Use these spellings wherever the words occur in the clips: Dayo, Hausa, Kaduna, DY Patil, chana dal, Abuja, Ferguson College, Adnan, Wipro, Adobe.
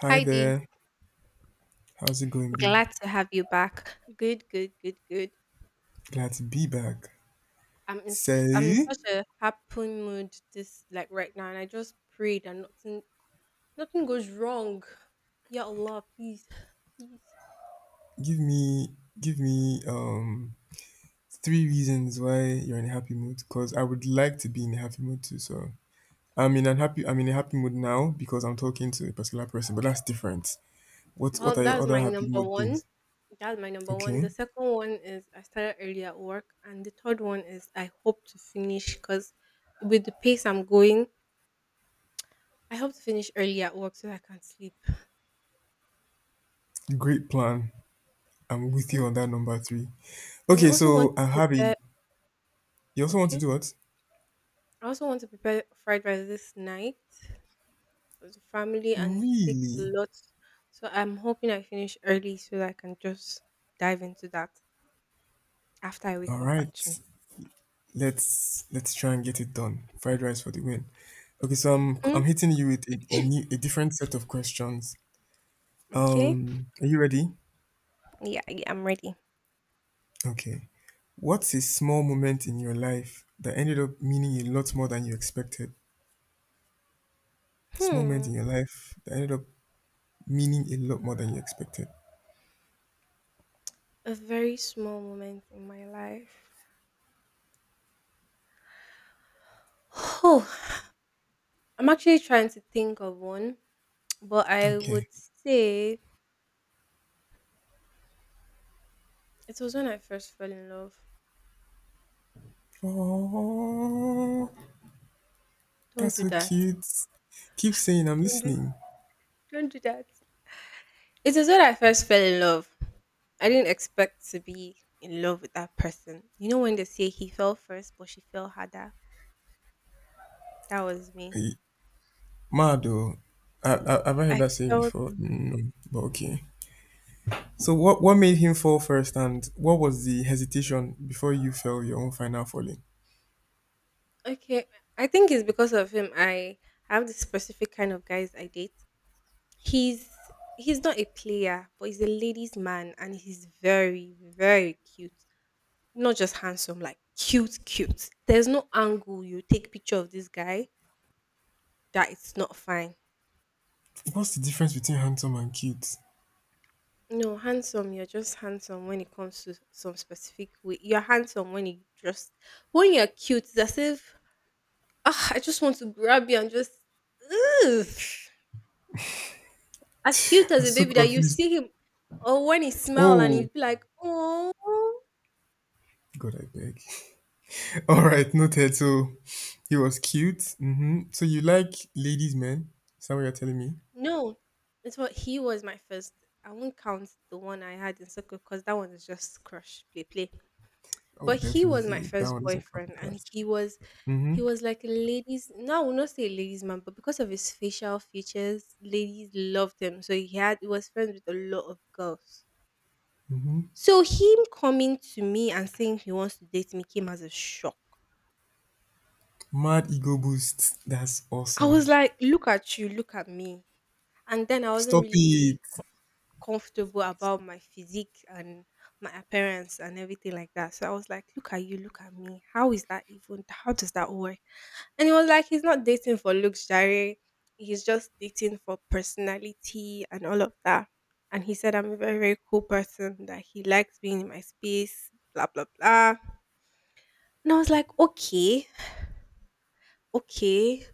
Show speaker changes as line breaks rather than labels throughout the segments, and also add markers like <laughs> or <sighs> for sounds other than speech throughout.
Hi
Heidi,
there. How's it going, B?
glad to have you back. Good, good, good, good.
Glad to be back.
I'm in
Say,
such a happy mood this like right now, and I just pray that nothing goes wrong. Ya Allah, please, please.
give me, three reasons why you're in a happy mood. Cause I would like to be in a happy mood too. So I'm in unhappy. I'm in a happy mood now because I'm talking to a particular person, but that's different. What
Well,
are your
that's
other
my
happy
number
mood
one.
things?
That's my number one.
Okay,
The second one is I started early at work, and the third one is I hope to finish because with the pace I'm going, I hope to finish early at work so I can sleep.
great plan. I'm with
Mhm.
you on that number three.
And I
Okay,
also want
so
to
I'm having.
prepare.
You also want to
Okay.
do what?
I also want to prepare fried rice this night for the family, and it will take a
Really?
lot. So I'm hoping I finish early so that I can just dive into that after I wake
All
up,
right.
actually.
Let's try and get it done. Fried rice for the win. Okay, so I'm
Hmm?
I'm hitting you with a new a different set of questions.
Okay.
Are you ready?
Yeah, yeah, I'm ready.
Okay. What's a small moment in your life that ended up meaning a lot more than you expected? Small moment
Hmm.
in your life that ended up meaning a lot more than you expected.
A very small moment in my life. Oh, I'm actually trying to think of one, but I
Okay.
would say it was when I first fell in love.
Oh,
Don't
that's
do
so
that.
cute. Keep saying I'm
Don't do,
listening.
don't do that. It is when I first fell in love. I didn't expect to be in love with that person. You know when they say he fell first, but she fell harder? That was me.
Eh, mad though. Have I heard
I
that saying
felt
before? Mm, no, but okay. So what made him fall first and what was the hesitation before you fell your own final falling?
okay. I think it's because of him. I have this specific kind of guys I date. He's not a player, but he's a ladies' man, and he's very very cute. Not just handsome, like cute, cute. There's no angle you take picture of this guy that it's not fine.
What's the difference between handsome and cute?
No, handsome. You're just handsome when it comes to some specific way. You're handsome when you just when you're cute. It's as if ah, I just want to grab you and just ugh. As cute as
I'm
a
so
baby that you
confused.
see him, or when he smile and
Oh
he'd be like, oh
God, I beg. <laughs> All right, noted. So he was cute. Hmm, so you like ladies, men? Is that what you're telling me?
no, that's what he was my first. I won't count the one I had in circle because that one is just crush play play.
Oh,
But he was my
definitely. That
first
one doesn't count
boyfriend,
like
and
that. Hmm.
he was like a ladies. No, I will not say a ladies man, but because of his facial features, ladies loved him. So he had he was friends with a lot of girls.
Hmm.
So him coming to me and saying he wants to date me came as a shock.
Mad ego boost. That's
I was
awesome.
like, look at you, look at me. And then I wasn't
Stop
really
it,
really comfortable about my physique and my appearance and everything like that. So I was like, look at you, look at me. How is that even? How does that work? And he was like he's not dating for looks, Jare. He's just dating for personality and all of that. And he said I'm a very very cool person that he likes being in my space, blah blah blah. And I was like, okay, okay.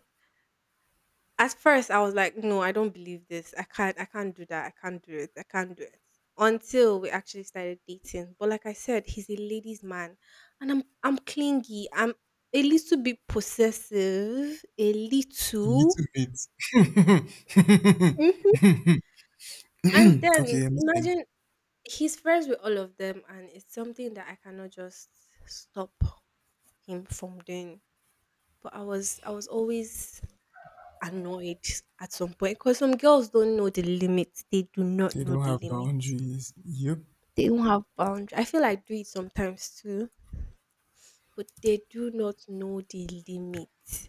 At first I was like, "No, I don't believe this. I can't do that. I can't do it. I can't do it." Until we actually started dating. But like I said, he's a ladies man and I'm clingy. I'm a little bit possessive, a
you
little.
little bit.
Mhm. And
<laughs>
then
Okay, I'm listening.
imagine he's friends with all of them and it's something that I cannot just stop him from doing. But I was always annoyed at some point because some girls don't know the limits. They do not
They
know
don't
the
have
limits.
boundaries. Yep.
They don't have boundaries. I feel I do it sometimes too, but they do not know the limits.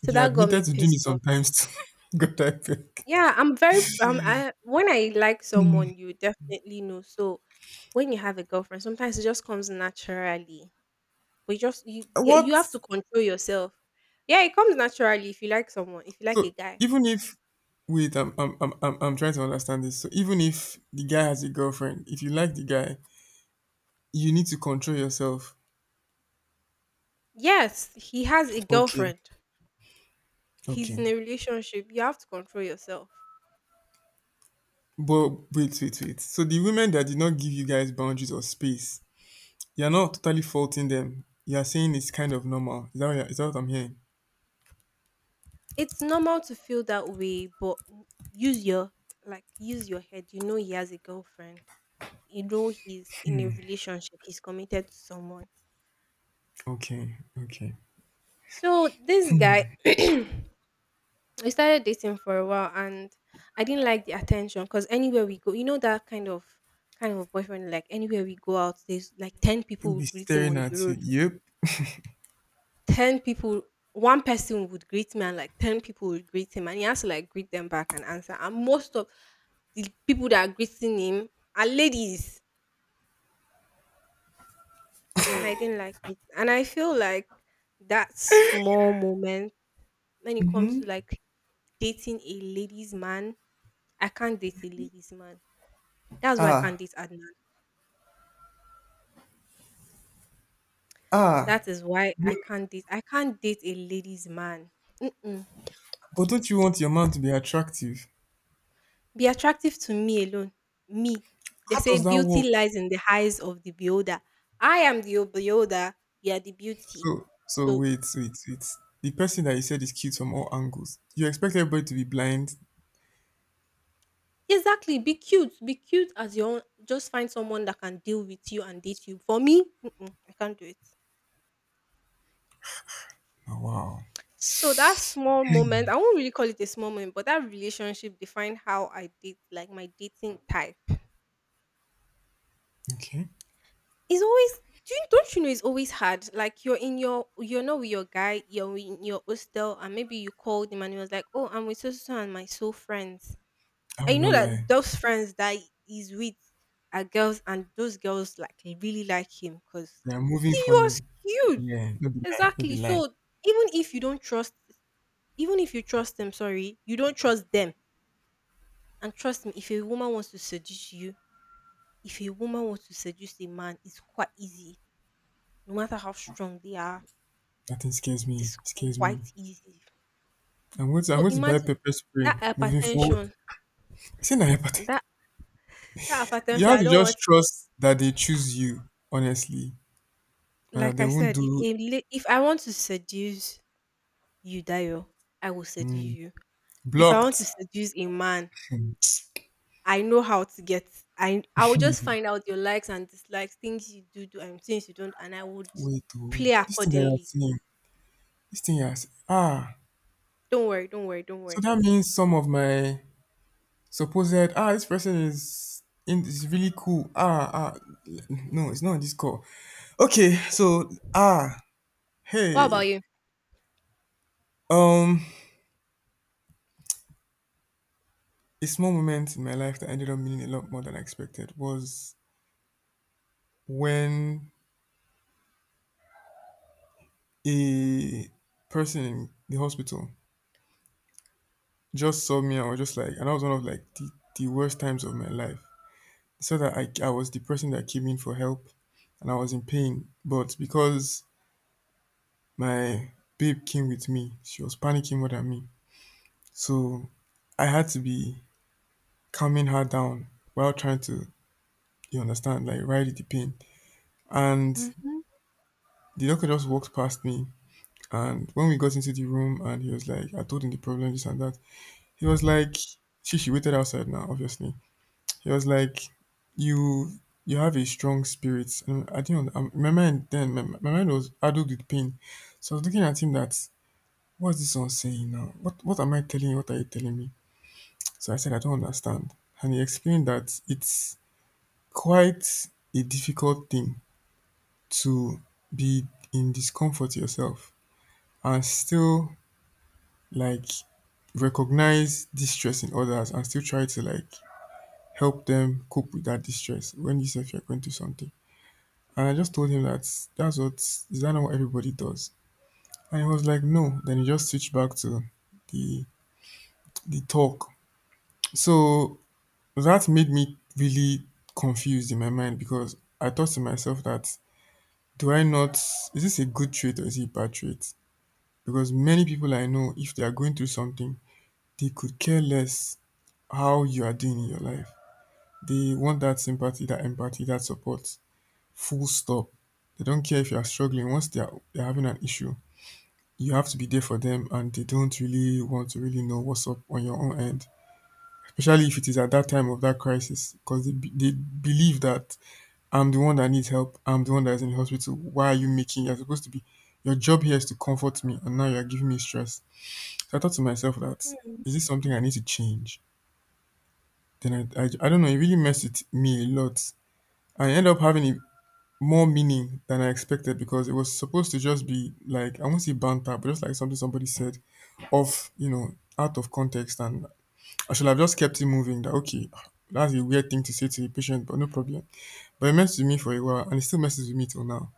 So
You
that got me
admitted to doing it
pissed off.
sometimes too. <laughs> God, I beg.
Yeah, I'm very I when I like someone you definitely know. So when you have a girlfriend, sometimes it just comes naturally. But you just you yeah, you have
What?
to control yourself. Yeah, it comes naturally if you like someone, if you like
So
a guy.
even if wait, I'm trying to understand this. So even if the guy has a girlfriend, if you like the guy, you need to control yourself.
Yes, he has a
Okay.
girlfriend. He's in
Okay.
a relationship, you have to control yourself.
But wait. So the women that did not give you guys boundaries or space, you're not totally faulting them. You're saying it's kind of normal. Is that is that what I'm hearing?
It's normal to feel that way, but use your like use your head. You know he has a girlfriend. You know he's in a relationship. He's committed to someone.
Okay, okay.
So this guy, <clears throat> we started dating for a while, and I didn't like the attention because anywhere we go, you know that kind of boyfriend. Like anywhere we go out, there's like ten
He'll
people will
be
greet him
staring
on the
at you.
road
Yep.
10 people, one person would greet me and like 10 people would greet him and he has to like greet them back and answer. And most of the people that are greeting him are ladies. And I didn't like it. And I feel like that small moment when it comes to like dating a ladies man, I can't date a ladies man. That's why I can't
Ah,
date Adnan.
ah.
That is why I can't date. I can't date a ladies man. Mm-mm.
But don't you want your man to be attractive?
Be attractive to me alone. Me. They
How
say
does that
beauty
work?
lies in the eyes of the beholder. I am the beholder. You are the beauty.
So, so
So
wait, wait, wait. The person that you said is cute from all angles. You expect everybody to be blind?
exactly, be cute. Be cute as your own. Just find someone that can deal with you and date you. For me, mm-mm, I can't do it.
Oh, wow.
So that small moment, I won't really call it a small moment, but that relationship defined how I date, like my dating type.
Okay.
It's always do you don't you know it's always hard? Like you're in your you're not with your guy, you're in your hostel and maybe you called him and he was like, oh, I'm with so so so and my soul friends.
I
And
will
you know
not lie.
that those friends that he's with are girls and those girls like really like him because
They are moving
he was
funny.
cute.
Yeah. No be lie. No be
Exactly.
lie.
So even if you don't trust even if you trust them, sorry, you don't trust them. And trust me, if a woman wants to seduce you, if a woman wants to seduce a man, it's quite easy no matter how strong they are,
That thing scares
it
me.
is
Scares me.
quite easy.
I'm going to. I'm
So
going to buy
imagine
pepper spray.
that
Moving forward.
hypertension.
It's in apathy.
That that
You
hypertension,
have
I
to
don't want.
just trust that they choose you. Honestly, and that
Like
they
I
won't
said, if
do
a la- if I want to seduce you, Dayo, I will seduce
mm,
you. If I want to
blocked.
seduce a man,
Hmm.
I know how to get. I will just find out your likes and dislikes, things you do do and things you don't, and I would
Wait, oh,
play
this thing that I'm
accordingly.
seeing. This thing has ah.
Don't worry, don't worry, don't
So
worry.
that means some of my supposed ah this person is in is really cool. Ah, ah, no, it's not on this call. Okay, so ah
What about
hey.
you?
Um a small moment in my life that ended up meaning a lot more than I expected was when a person in the hospital just saw me and was just like and that was one of like the worst times of my life. So that I was the person that came in for help and I was in pain. But because my babe came with me. She was panicking more than me. So I had to be calming her down while trying to, you understand, like ride the pain. And
Hmm.
the doctor just walked past me. And when we got into the room and he was like, I told him the problem, this and that. He was like, she waited outside now, obviously. He was like, you have a strong spirit. And I didn't, my mind then, my mind was addled with pain. So I was looking at him that, what's this one saying now? What am I telling you? What are you telling me? So I said, I don't understand. And he explained that it's quite a difficult thing to be in discomfort yourself and still like recognize distress in others and still try to like help them cope with that distress when you say you're going through something. And I just told him that that's what is that not what everybody does? And he was like, no. Then he just switched back to the the talk. So that made me really confused in my mind because I thought to myself that do I not is this a good trait or is it a bad trait? Because many people I know, if they are going through something, they could care less how you are doing in your life. They want that sympathy, that empathy, that support. Full stop. They don't care if you are struggling. Once they are they're having an issue, you have to be there for them and they don't really want to really know what's up on your own end. Especially if it is at that time of that crisis because they, they believe that I'm the one that needs help. I'm the one that is in the hospital. Why are you making? You're supposed to be. Your job here is to comfort me, and now you're giving me stress. So I thought to myself that is this something I need to change? Then I don't know. It really messed with me a lot. I ended up having a- more meaning than I expected because it was supposed to just be like I won't say banter, but just like something somebody said off, you know, out of context, and I should have just kept it moving. That okay, that's a weird thing to say to a patient, but no problem. But it messed with me for a while, and it still messes with me till now.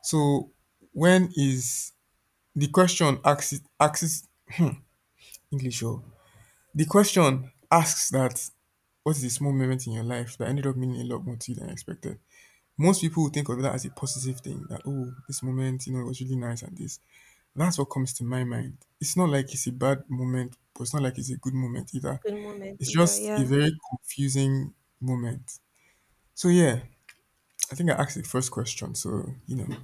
So when is the question asks <clears throat> English oh the question asks that what is the small moment in your life that ended up meaning a lot more to you than expected. Most people would think of that as a positive thing that oh this moment you know it was really nice and this. That's what comes to my mind. It's not like it's a bad moment, but it's not like it's a good moment either.
Good moment,
It's
either.
just a
Yeah.
very confusing moment. So yeah, I think I asked the first question. So you know,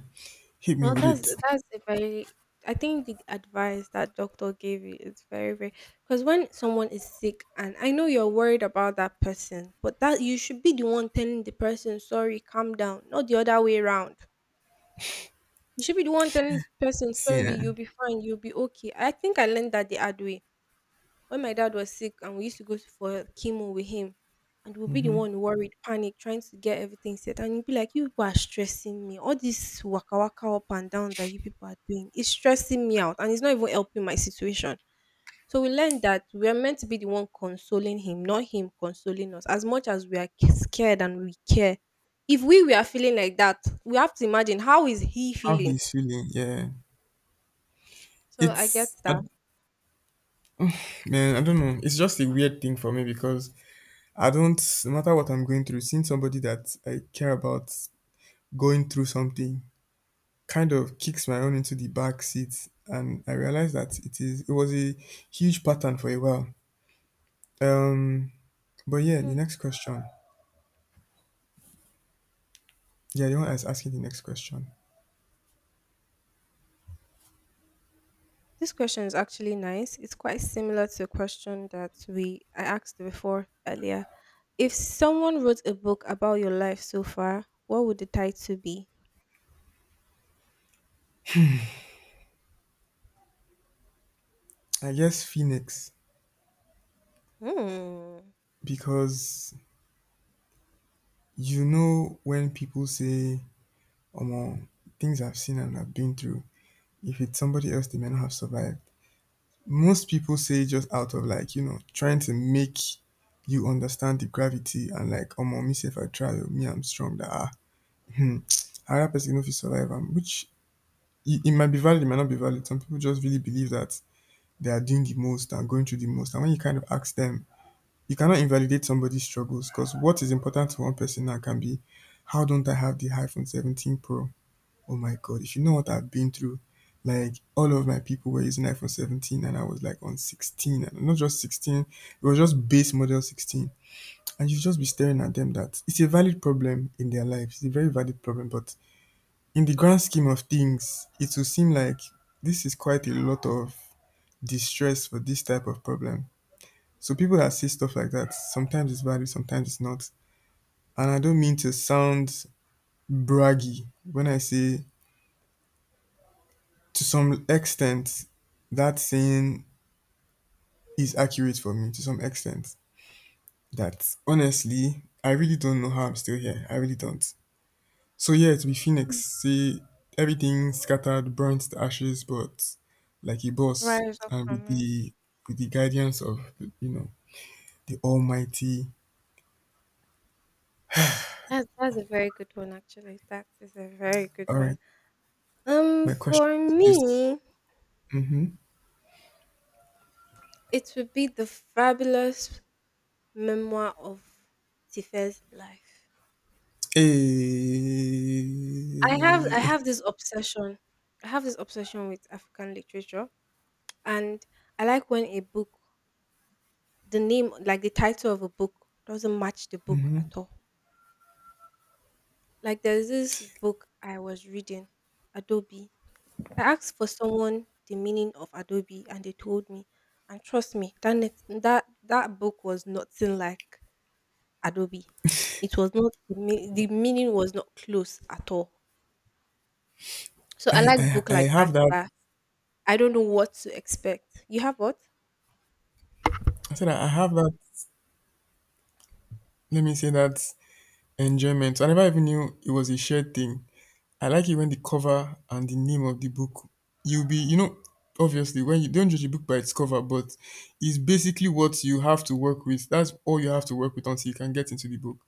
hit me
Well,
with
that's
it.
that's a very. I think the advice that doctor gave you is very very because when someone is sick and I know you're worried about that person, but that you should be the one telling the person sorry, calm down, not the other way around. You should be the one telling the person sorry,
Yeah.
you'll be fine, you'll be okay. I think I learned that the hard way when my dad was sick and we used to go for chemo with him, and we'll be the
Ya.
one worried, panic, trying to get everything set. And you'll be like, you people are stressing me. All this waka waka up and down that you people are doing is stressing me out and it's not even helping my situation. So we learned that we are meant to be the one consoling him, not him consoling us. As much as we are scared and we care, if we were feeling like that, we have to imagine how is he
How
feeling.
he's feeling. Yeah,
So I get
it's I,
that.
man. I don't know. It's just a weird thing for me because I don't. No matter what I'm going through, seeing somebody that I care about going through something kind of kicks my own into the back seat, and I realize that it is. It was a huge pattern for a while. Um, but yeah, the next question. Yeah, the one I was asking the next question.
This question is actually nice. It's quite similar to a question that we I asked before earlier. If someone wrote a book about your life so far, what would the title be?
I guess Phoenix
Hmm.
because you know when people say, "Omo, things I've seen and I've been through." If it's somebody else, they may not have survived. Most people say just out of like, you know, trying to make you understand the gravity and like, omo, me say if I try, oh, me I'm strong. That ah, hmm, another person no fit survive am. Which it might be valid, it might not be valid. Some people just really believe that they are doing the most and going through the most. And when you kind of ask them, you cannot invalidate somebody's struggles because what is important to one person now can be, how don't I have the iPhone 17 Pro? Oh my God, if you know what I've been through, like all of my people were using iPhone 17 and I was like on 16 and not just 16, it was just base model 16. And you just be staring at them that it's a valid problem in their lives. It's a very valid problem, but in the grand scheme of things, it will seem like this is quite a lot of distress for this type of problem. So people that say stuff like that, sometimes it's valid, sometimes it's not. And I don't mean to sound braggy when I say to some extent, that saying is accurate for me to some extent. That honestly, I really don't know how I'm still here. I really don't. So yeah, to be Phoenix,
Mm.
say everything scattered, burnt to ashes, but like a boss,
Rise up
and
from it.
with the guidance of you know the Almighty.
That's a very good one actually. That is a very good
All
one.
right,
Um,
my question
for
to you is to say,
me,
mm-hmm.
it would be the fabulous memoir of Tife's life. I have I
Eh,
have this obsession. I have this obsession with African literature. And I like when a book, the name, like the title of a book, doesn't match the book at all. Like there's this book I was reading, Adobe. I asked for someone the meaning of Adobe, and they told me. And trust me, that net- that that book was nothing like Adobe. It was not the meaning was not close at all. So I like book
I
like that.
have that.
That I don't know what to expect. You have what?
I said I have that. Let me say that Enjoyment I never even knew it was a shared thing. I like it when the cover and the name of the book you'll be you know obviously when you don't judge a book by its cover but it's basically what you have to work with. That's all you have to work with until you can get into the book.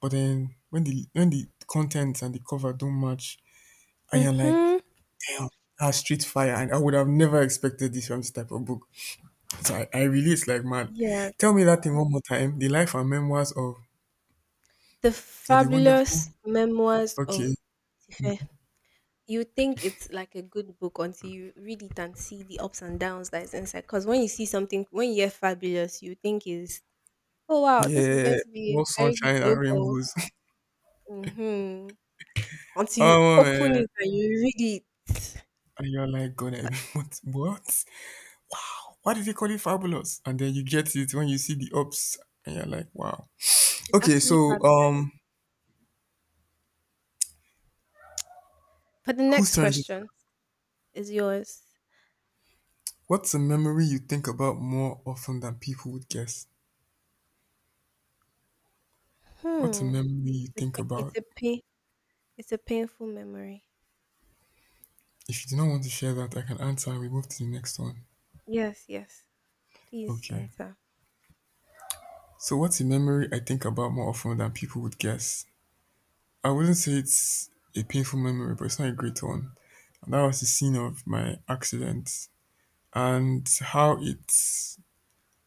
But then when the content and the cover don't match, and you're like,
Mm-hmm.
damn, that's street fire, and I would have never expected this from this type of book. So I release like mad.
Yeah.
Tell me that thing one more time. The life and memoirs
The
of the wonderful,
Fabulous Memoirs
okay.
of fair. You think it's like a good book until you read it and see the ups and downs that is inside. Because when you see something, when you hear fabulous, you think is, oh wow, this is
Yeah,
going to be
all
a very good
sunshine and
book. Or,
rainbows. <laughs>
hmm. Until you
Oh
open
man.
it and you read it,
And you're like, God, I <laughs> what? Why did they call it fabulous? And then you get it when you see the ups, and you're like, wow.
it's
Okay, so
actually fabulous.
um
But the
whose
next
turn is it?
question is yours.
What's a memory you think about more often than people would guess? What's a
Hmm.
memory you think
It's
about?
a pain it's a painful memory.
If you do not want to share that, I can answer and we move to the next one.
Yes, yes. Please
Okay.
answer.
So what's a memory I think about more often than people would guess? I wouldn't say it's a painful memory, but it's not a great one. That was the scene of my accident, and how it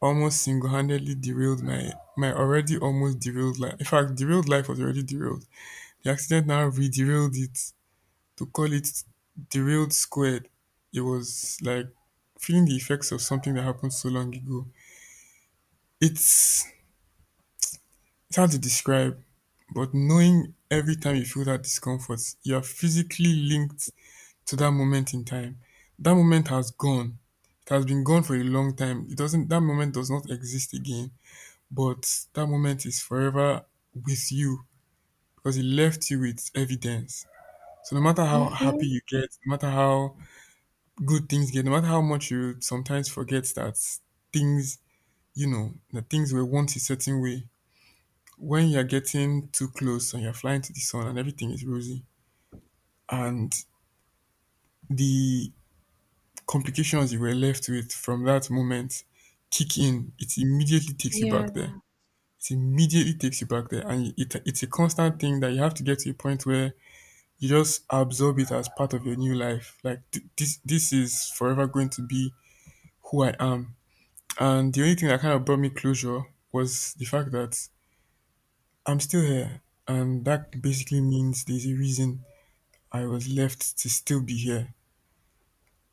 almost single handedly derailed my already almost derailed life. In fact, derailed life was already derailed. The accident now re derailed it, to call it derailed squared. It was like feeling the effects of something that happened so long ago. It's it's hard to describe, but knowing every time you feel that discomfort, you are physically linked to that moment in time. That moment has gone. It has been gone for a long time. It doesn't That moment does not exist again, but that moment is forever with you because it left you with evidence. So no matter how happy
Mm-hmm.
you get, no matter how good things get, no matter how much you sometimes forget that things, you know, that things were once a certain way. When you're getting too close and you're flying to the sun and everything is rosy, and the complications you were left with from that moment kick in, it immediately takes you back
Yeah.
there. It immediately takes you back there, and it's a constant thing that you have to get to a point where you just absorb it as part of your new life. Like this is forever going to be who I am. And the only thing that kind of brought me closure was the fact that I'm still here, and that basically means there's a reason I was left to still be here.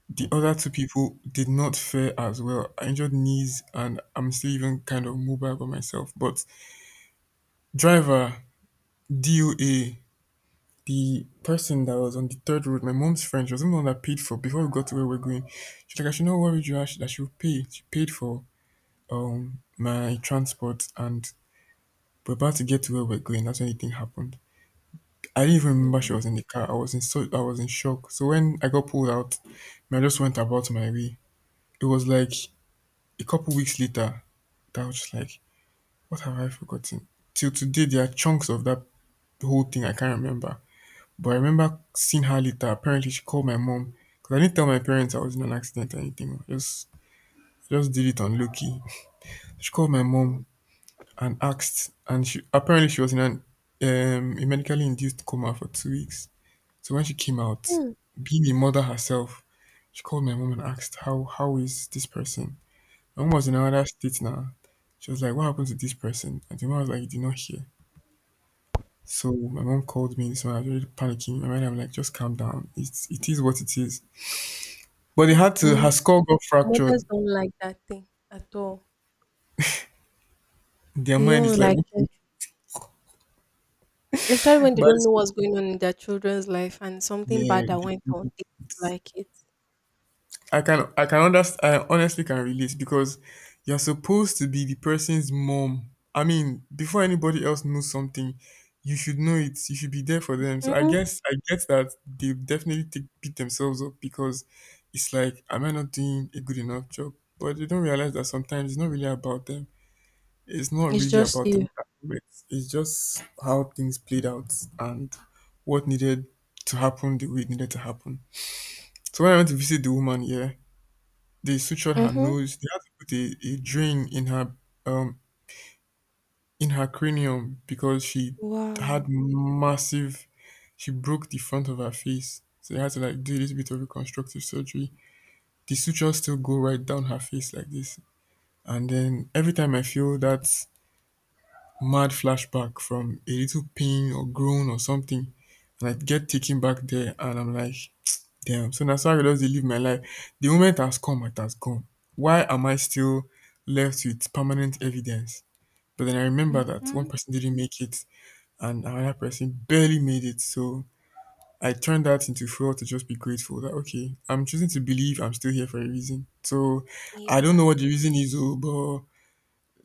The other two people did not fare as well. I injured knees and I'm still even kind of mobile by myself. But driver, DOA, the person that was on the third road, my mom's friend, she was the one that paid for before we got to where we're going. She's like, I should not worry you that she will pay. She paid for my transport, and we're about to get to where we're going. That's when the thing happened. I didn't even remember she
Mm,
was in the car. I was in shock. So when I got pulled out, I just went about my way. It was like a couple weeks later. Doubts like, what have I forgotten? Till today, there are chunks of that whole thing I can't remember. But I remember seeing her later. Apparently, she called my mom because I didn't tell my parents I was in an accident or anything. I just did it on low key. She called my mom and asked, and she apparently she was in an a medically induced coma for 2 weeks. So when she came out,
mm,
being a mother herself, she called my mom and asked, how is this person?" My mom was in another state now. She was like, "What happened to this person?" And the mom was like, "You did not hear." So my mom called me, so I was really panicking. My mind, I'm like, just calm down. It is what it is. But they
mm,
had to,
mm.
her skull got
Mothers
fractured.
don't like that thing at all.
Their
They
mind
don't
is like,
like
okay.
it, especially when they
But
don't know
it's,
what's going on in their children's life and something bad
yeah,
that went on. They don't like it.
I can understand. I honestly can relate because you're supposed to be the person's mom. I mean, before anybody else knows something, you should know it. You should be there for them. So I
Hmm
guess I get that they definitely take, beat themselves up because it's like, am I not doing a good enough job? But they don't realize that sometimes it's not really about them. It's not
It's
really
just
about the
you.
arguments. It's just how things played out, and what needed to happen the way it needed to happen. So when I went to visit the woman, yeah, they sutured her
Mm-hmm.
nose. They had to put a drain um in her cranium because she had
Wow.
massive. She broke the front of her face, so they had to like do a little bit of reconstructive surgery. The sutures still go right down her face like this, and then every time I feel that mad flashback from a little pain or groan or something and I get taken back there and I'm like, damn. So that's how I just dey live my life. The moment has come, it has gone. Why am I still left with permanent evidence? But then I remember that one
Mm-hmm.
person didn't make it and another person barely made it. So I turned that into fuel to just be grateful that okay, I'm choosing to believe I'm still here for a reason. So I
Yeah.
don't know what the reason is, oh, but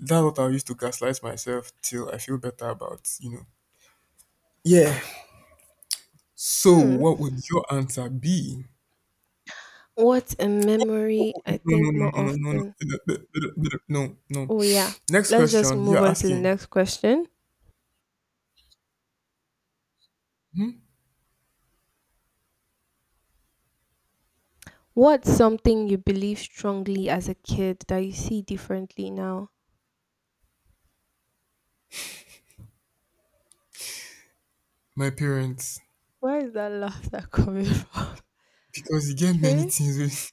that's what I used to gaslight myself till I feel better about, you know, yeah. So
Hmm.
what would your answer be?
What's a
Oh,
memory
oh,
I
no, no,
think
no,
more
no, no, no, no, no,
often?
no, no, no, no, no.
Oh, yeah.
Next
Let's just
question.
move
You're
on to the
asking.
next question.
Hmm?
What's something you believe strongly as a kid that you see differently now?
My parents,
Where is that laughter coming from? <laughs>
because you get many
Okay.
things.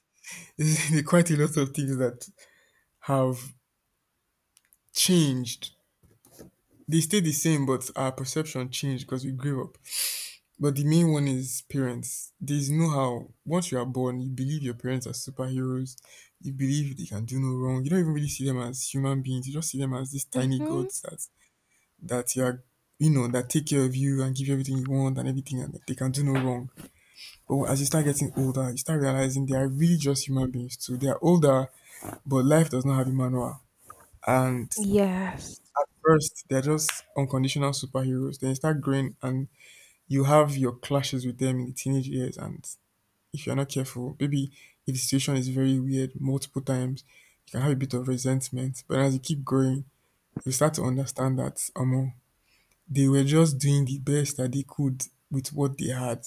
<laughs> there quite a lot of things that have changed. They stay the same, but our perception changed because we grew up. But the main one is parents. There's no how. Once you are born, you believe your parents are superheroes. You believe they can do no wrong. You don't even really see them as human beings. You just see them as these tiny
Mm-hmm.
gods that that you're you know that take care of you and give you everything you want and everything, and they can do no wrong. But as you start getting older, you start realizing they are really just human beings too. They are older, but life does not have a manual. And
Yes.
first they're just unconditional superheroes, then you start growing, and you have your clashes with them in the teenage years, and if you're not careful, maybe if the situation is very weird multiple times, you can have a bit of resentment. But as you keep growing, you start to understand that they were just doing the best that they could with what they had.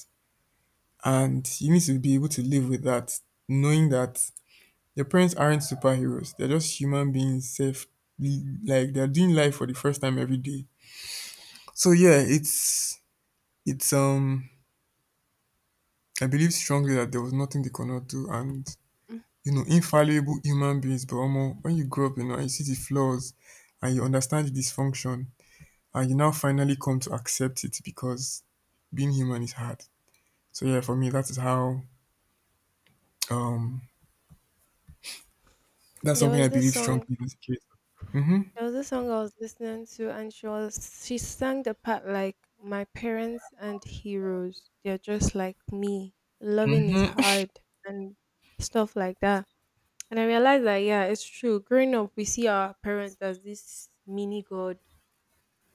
And you need to be able to live with that, knowing that your parents aren't superheroes. They're just human beings, self, like they're doing life for the first time every day. So yeah, it's I believe strongly that there was nothing they could not do, and
Mhm.
you know, infallible human beings. But omo, when you grow up, you know, and you see the flaws, and you understand the dysfunction, and you now finally come to accept it because being human is hard. So yeah, for me, that is how um that's
There
something
was
I
this
believe
song,
strongly as a kid. Mm-hmm.
there was this song I was listening to and she sang the part like my parents and heroes. They're just like me. Loving is hard and stuff like that. And I realized that yeah, it's true. Growing up, we see our parents as this mini god.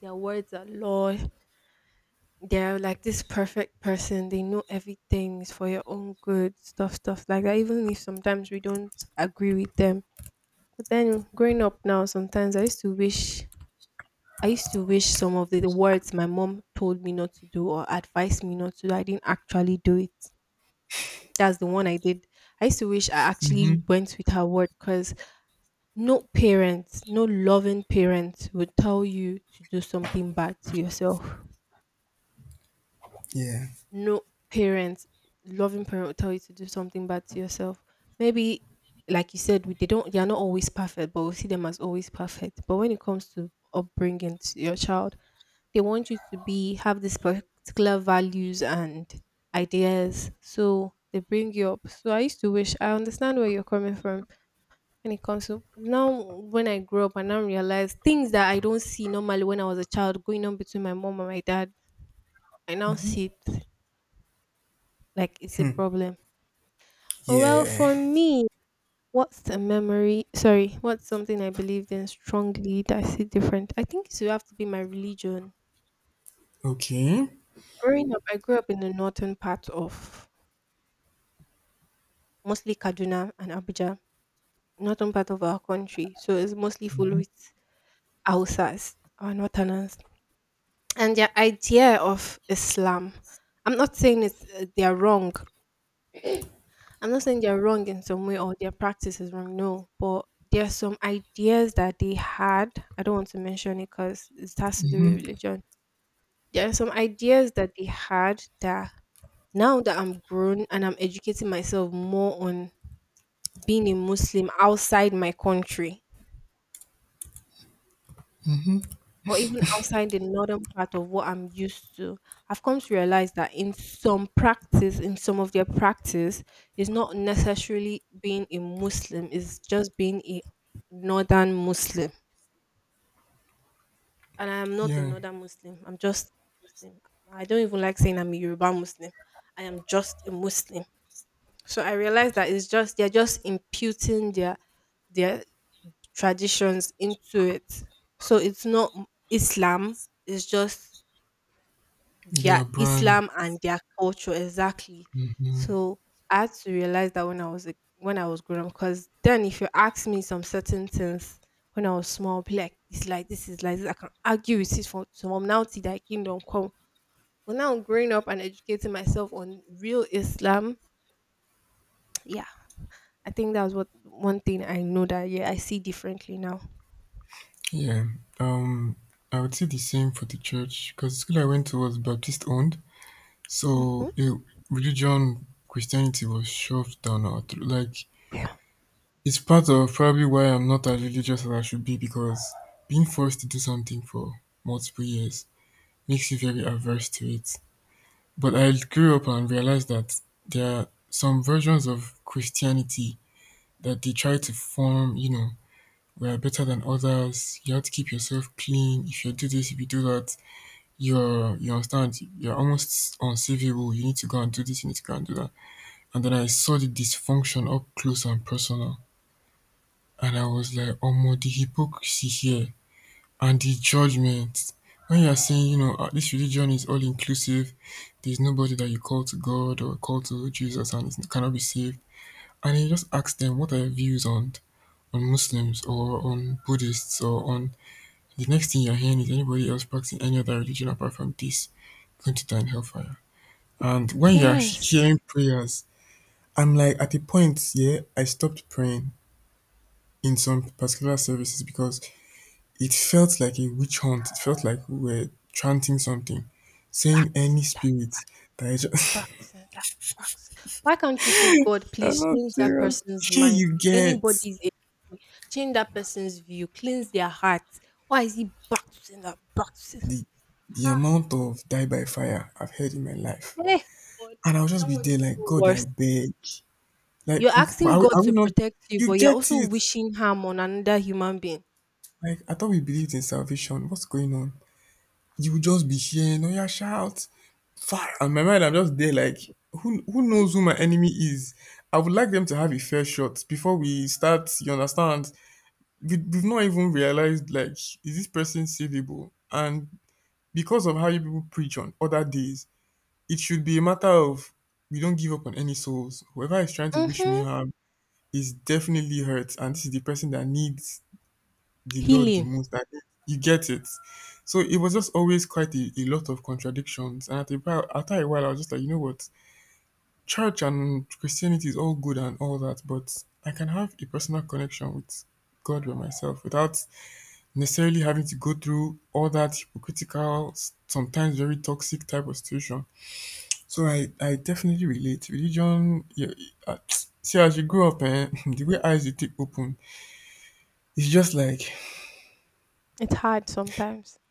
Their words are law. They're like this perfect person. They know everything is for your own good. Stuff like that. Even if sometimes we don't agree with them. But then growing up now, sometimes I used to wish, I used to wish some of the words my mom told me not to do or advised me not to do, I didn't actually do it. That's the one I did. I used to wish I actually
Mm-hmm.
went with her word, because no parent, no loving parent would tell you to do something bad to yourself.
Yeah.
No parent, loving parent will tell you to do something bad to yourself. Maybe, like you said, they don't, they are not always perfect, but we see them as always perfect. But when it comes to upbringing to your child, they want you to be have this particular values and ideas, so they bring you up. So I used to wish I understand where you're coming from when it comes to now. When I grew up, I now realize things that I don't see normally when I was a child going on between my mom and my dad. I now see it like it's a problem. But well,
Yeah.
for me, what's a memory? Sorry, what's something I believed in strongly that I see different? I think it would have to be my religion.
Okay.
Growing up, I grew up in the northern part of mostly Kaduna and Abuja, northern part of our country. So it's mostly full with Hausas, our northerners. And their idea of Islam, I'm not saying it's, they are wrong, I'm not saying they're wrong in some way or their practice is wrong, no, but there are some ideas that they had. I don't want to mention it because it has to do with religion. There are some ideas that they had that, now that I'm grown and I'm educating myself more on being a Muslim outside my country, or even outside the northern part of what I'm used to. I've come to realize that in some practice, in some of their practice, is not necessarily being a Muslim, it's just being a northern Muslim. And I am not a
Yeah.
northern Muslim, I'm just a Muslim. I don't even like saying I'm a Yoruba Muslim. I am just a Muslim. So I realized that it's just they're just imputing their traditions into it. So it's not Islam, it's just their
Their brand.
Islam and their culture, exactly.
Mm-hmm.
So I had to realize that when I was growing up, because then if you ask me some certain things when I was small, I'll be like it's like this is like this. I can argue with it from now till thy kingdom come. But now growing up and educating myself on real Islam, yeah, I think that was what one thing I know that yeah I see differently now.
Yeah. Um I would say the same for the church because the school I went to was Baptist owned.
Hmm
So it, religion, Christianity was shoved down our throat. Like it's part of probably why I'm not as religious as I should be because being forced to do something for multiple years makes you very averse to it. But I grew up and realized that there are some versions of Christianity that they try to form, you know, we are better than others, you have to keep yourself clean, if you do this, if you do that, you understand, you're almost unsavable, you need to go and do this, you need to go and do that. And then I saw the dysfunction up close and personal, and I was like, oh, the hypocrisy here and the judgment when you are saying you know this religion is all inclusive, there's nobody that you call to God or call to Jesus and it cannot be saved. And you just ask them, what are your views on Muslims or on Buddhists or on, the next thing you're hearing is anybody else practicing any other religion apart from this going to die in hellfire. And when you're
Yes,
hearing prayers, I'm like, at a point, yeah, I stopped praying in some particular services because it felt like a witch hunt. It felt like we were chanting something,
back
saying
to
any
sender,
spirit, that I just.
back to sender, back to. Why can't you say, God,
<laughs> I'm
please
not
change that
serious.
person's
Here
mind?
you
If
get
anybody is a change that person's view, cleanse their heart. Why is he back to sender, back to sender?
the
Ah,
amount of die by fire I've heard in my life,
hey, God,
and I'll just
that
be
one is
there like
even
God,
worse.
I beg. Like,
You're
but
asking
are we,
God
are we
to
not?
protect you,
You
but you're
get
also
it?
wishing harm on another human being.
Like, I thought we believed in salvation. What's going on? You will just be hearing oya shout fire, and my mind I'm just there like who knows who my enemy is, I would like them to have a fair shot before we start, you understand, we've not even realized like is this person savable. And because of how you people preach on other days, it should be a matter of we don't give up on any souls, whoever is trying to wish me
Mm-hmm.
harm is definitely hurt, and this is the person that needs the Lord the
Healing.
most I hate. You get it. So it was just always quite a lot of contradictions. And after a while, I was just like, you know what? Church and Christianity is all good and all that, but I can have a personal connection with God by myself without necessarily having to go through all that hypocritical, sometimes very toxic type of situation. So I definitely relate. Religion, yeah, uh, <tsk> see, as you grow up, eh, <laughs> the way eyes you take open, it's just like,
It's hard sometimes. <sighs>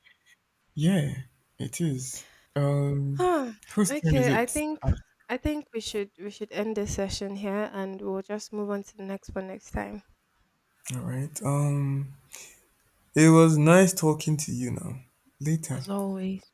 yeah, it is. Um,
Ah,
whose turn is
okay, I
it?
think, I think we should end this session here and we'll just move on to the next one next time.
All right. It was nice talking to you now. Later.
As always.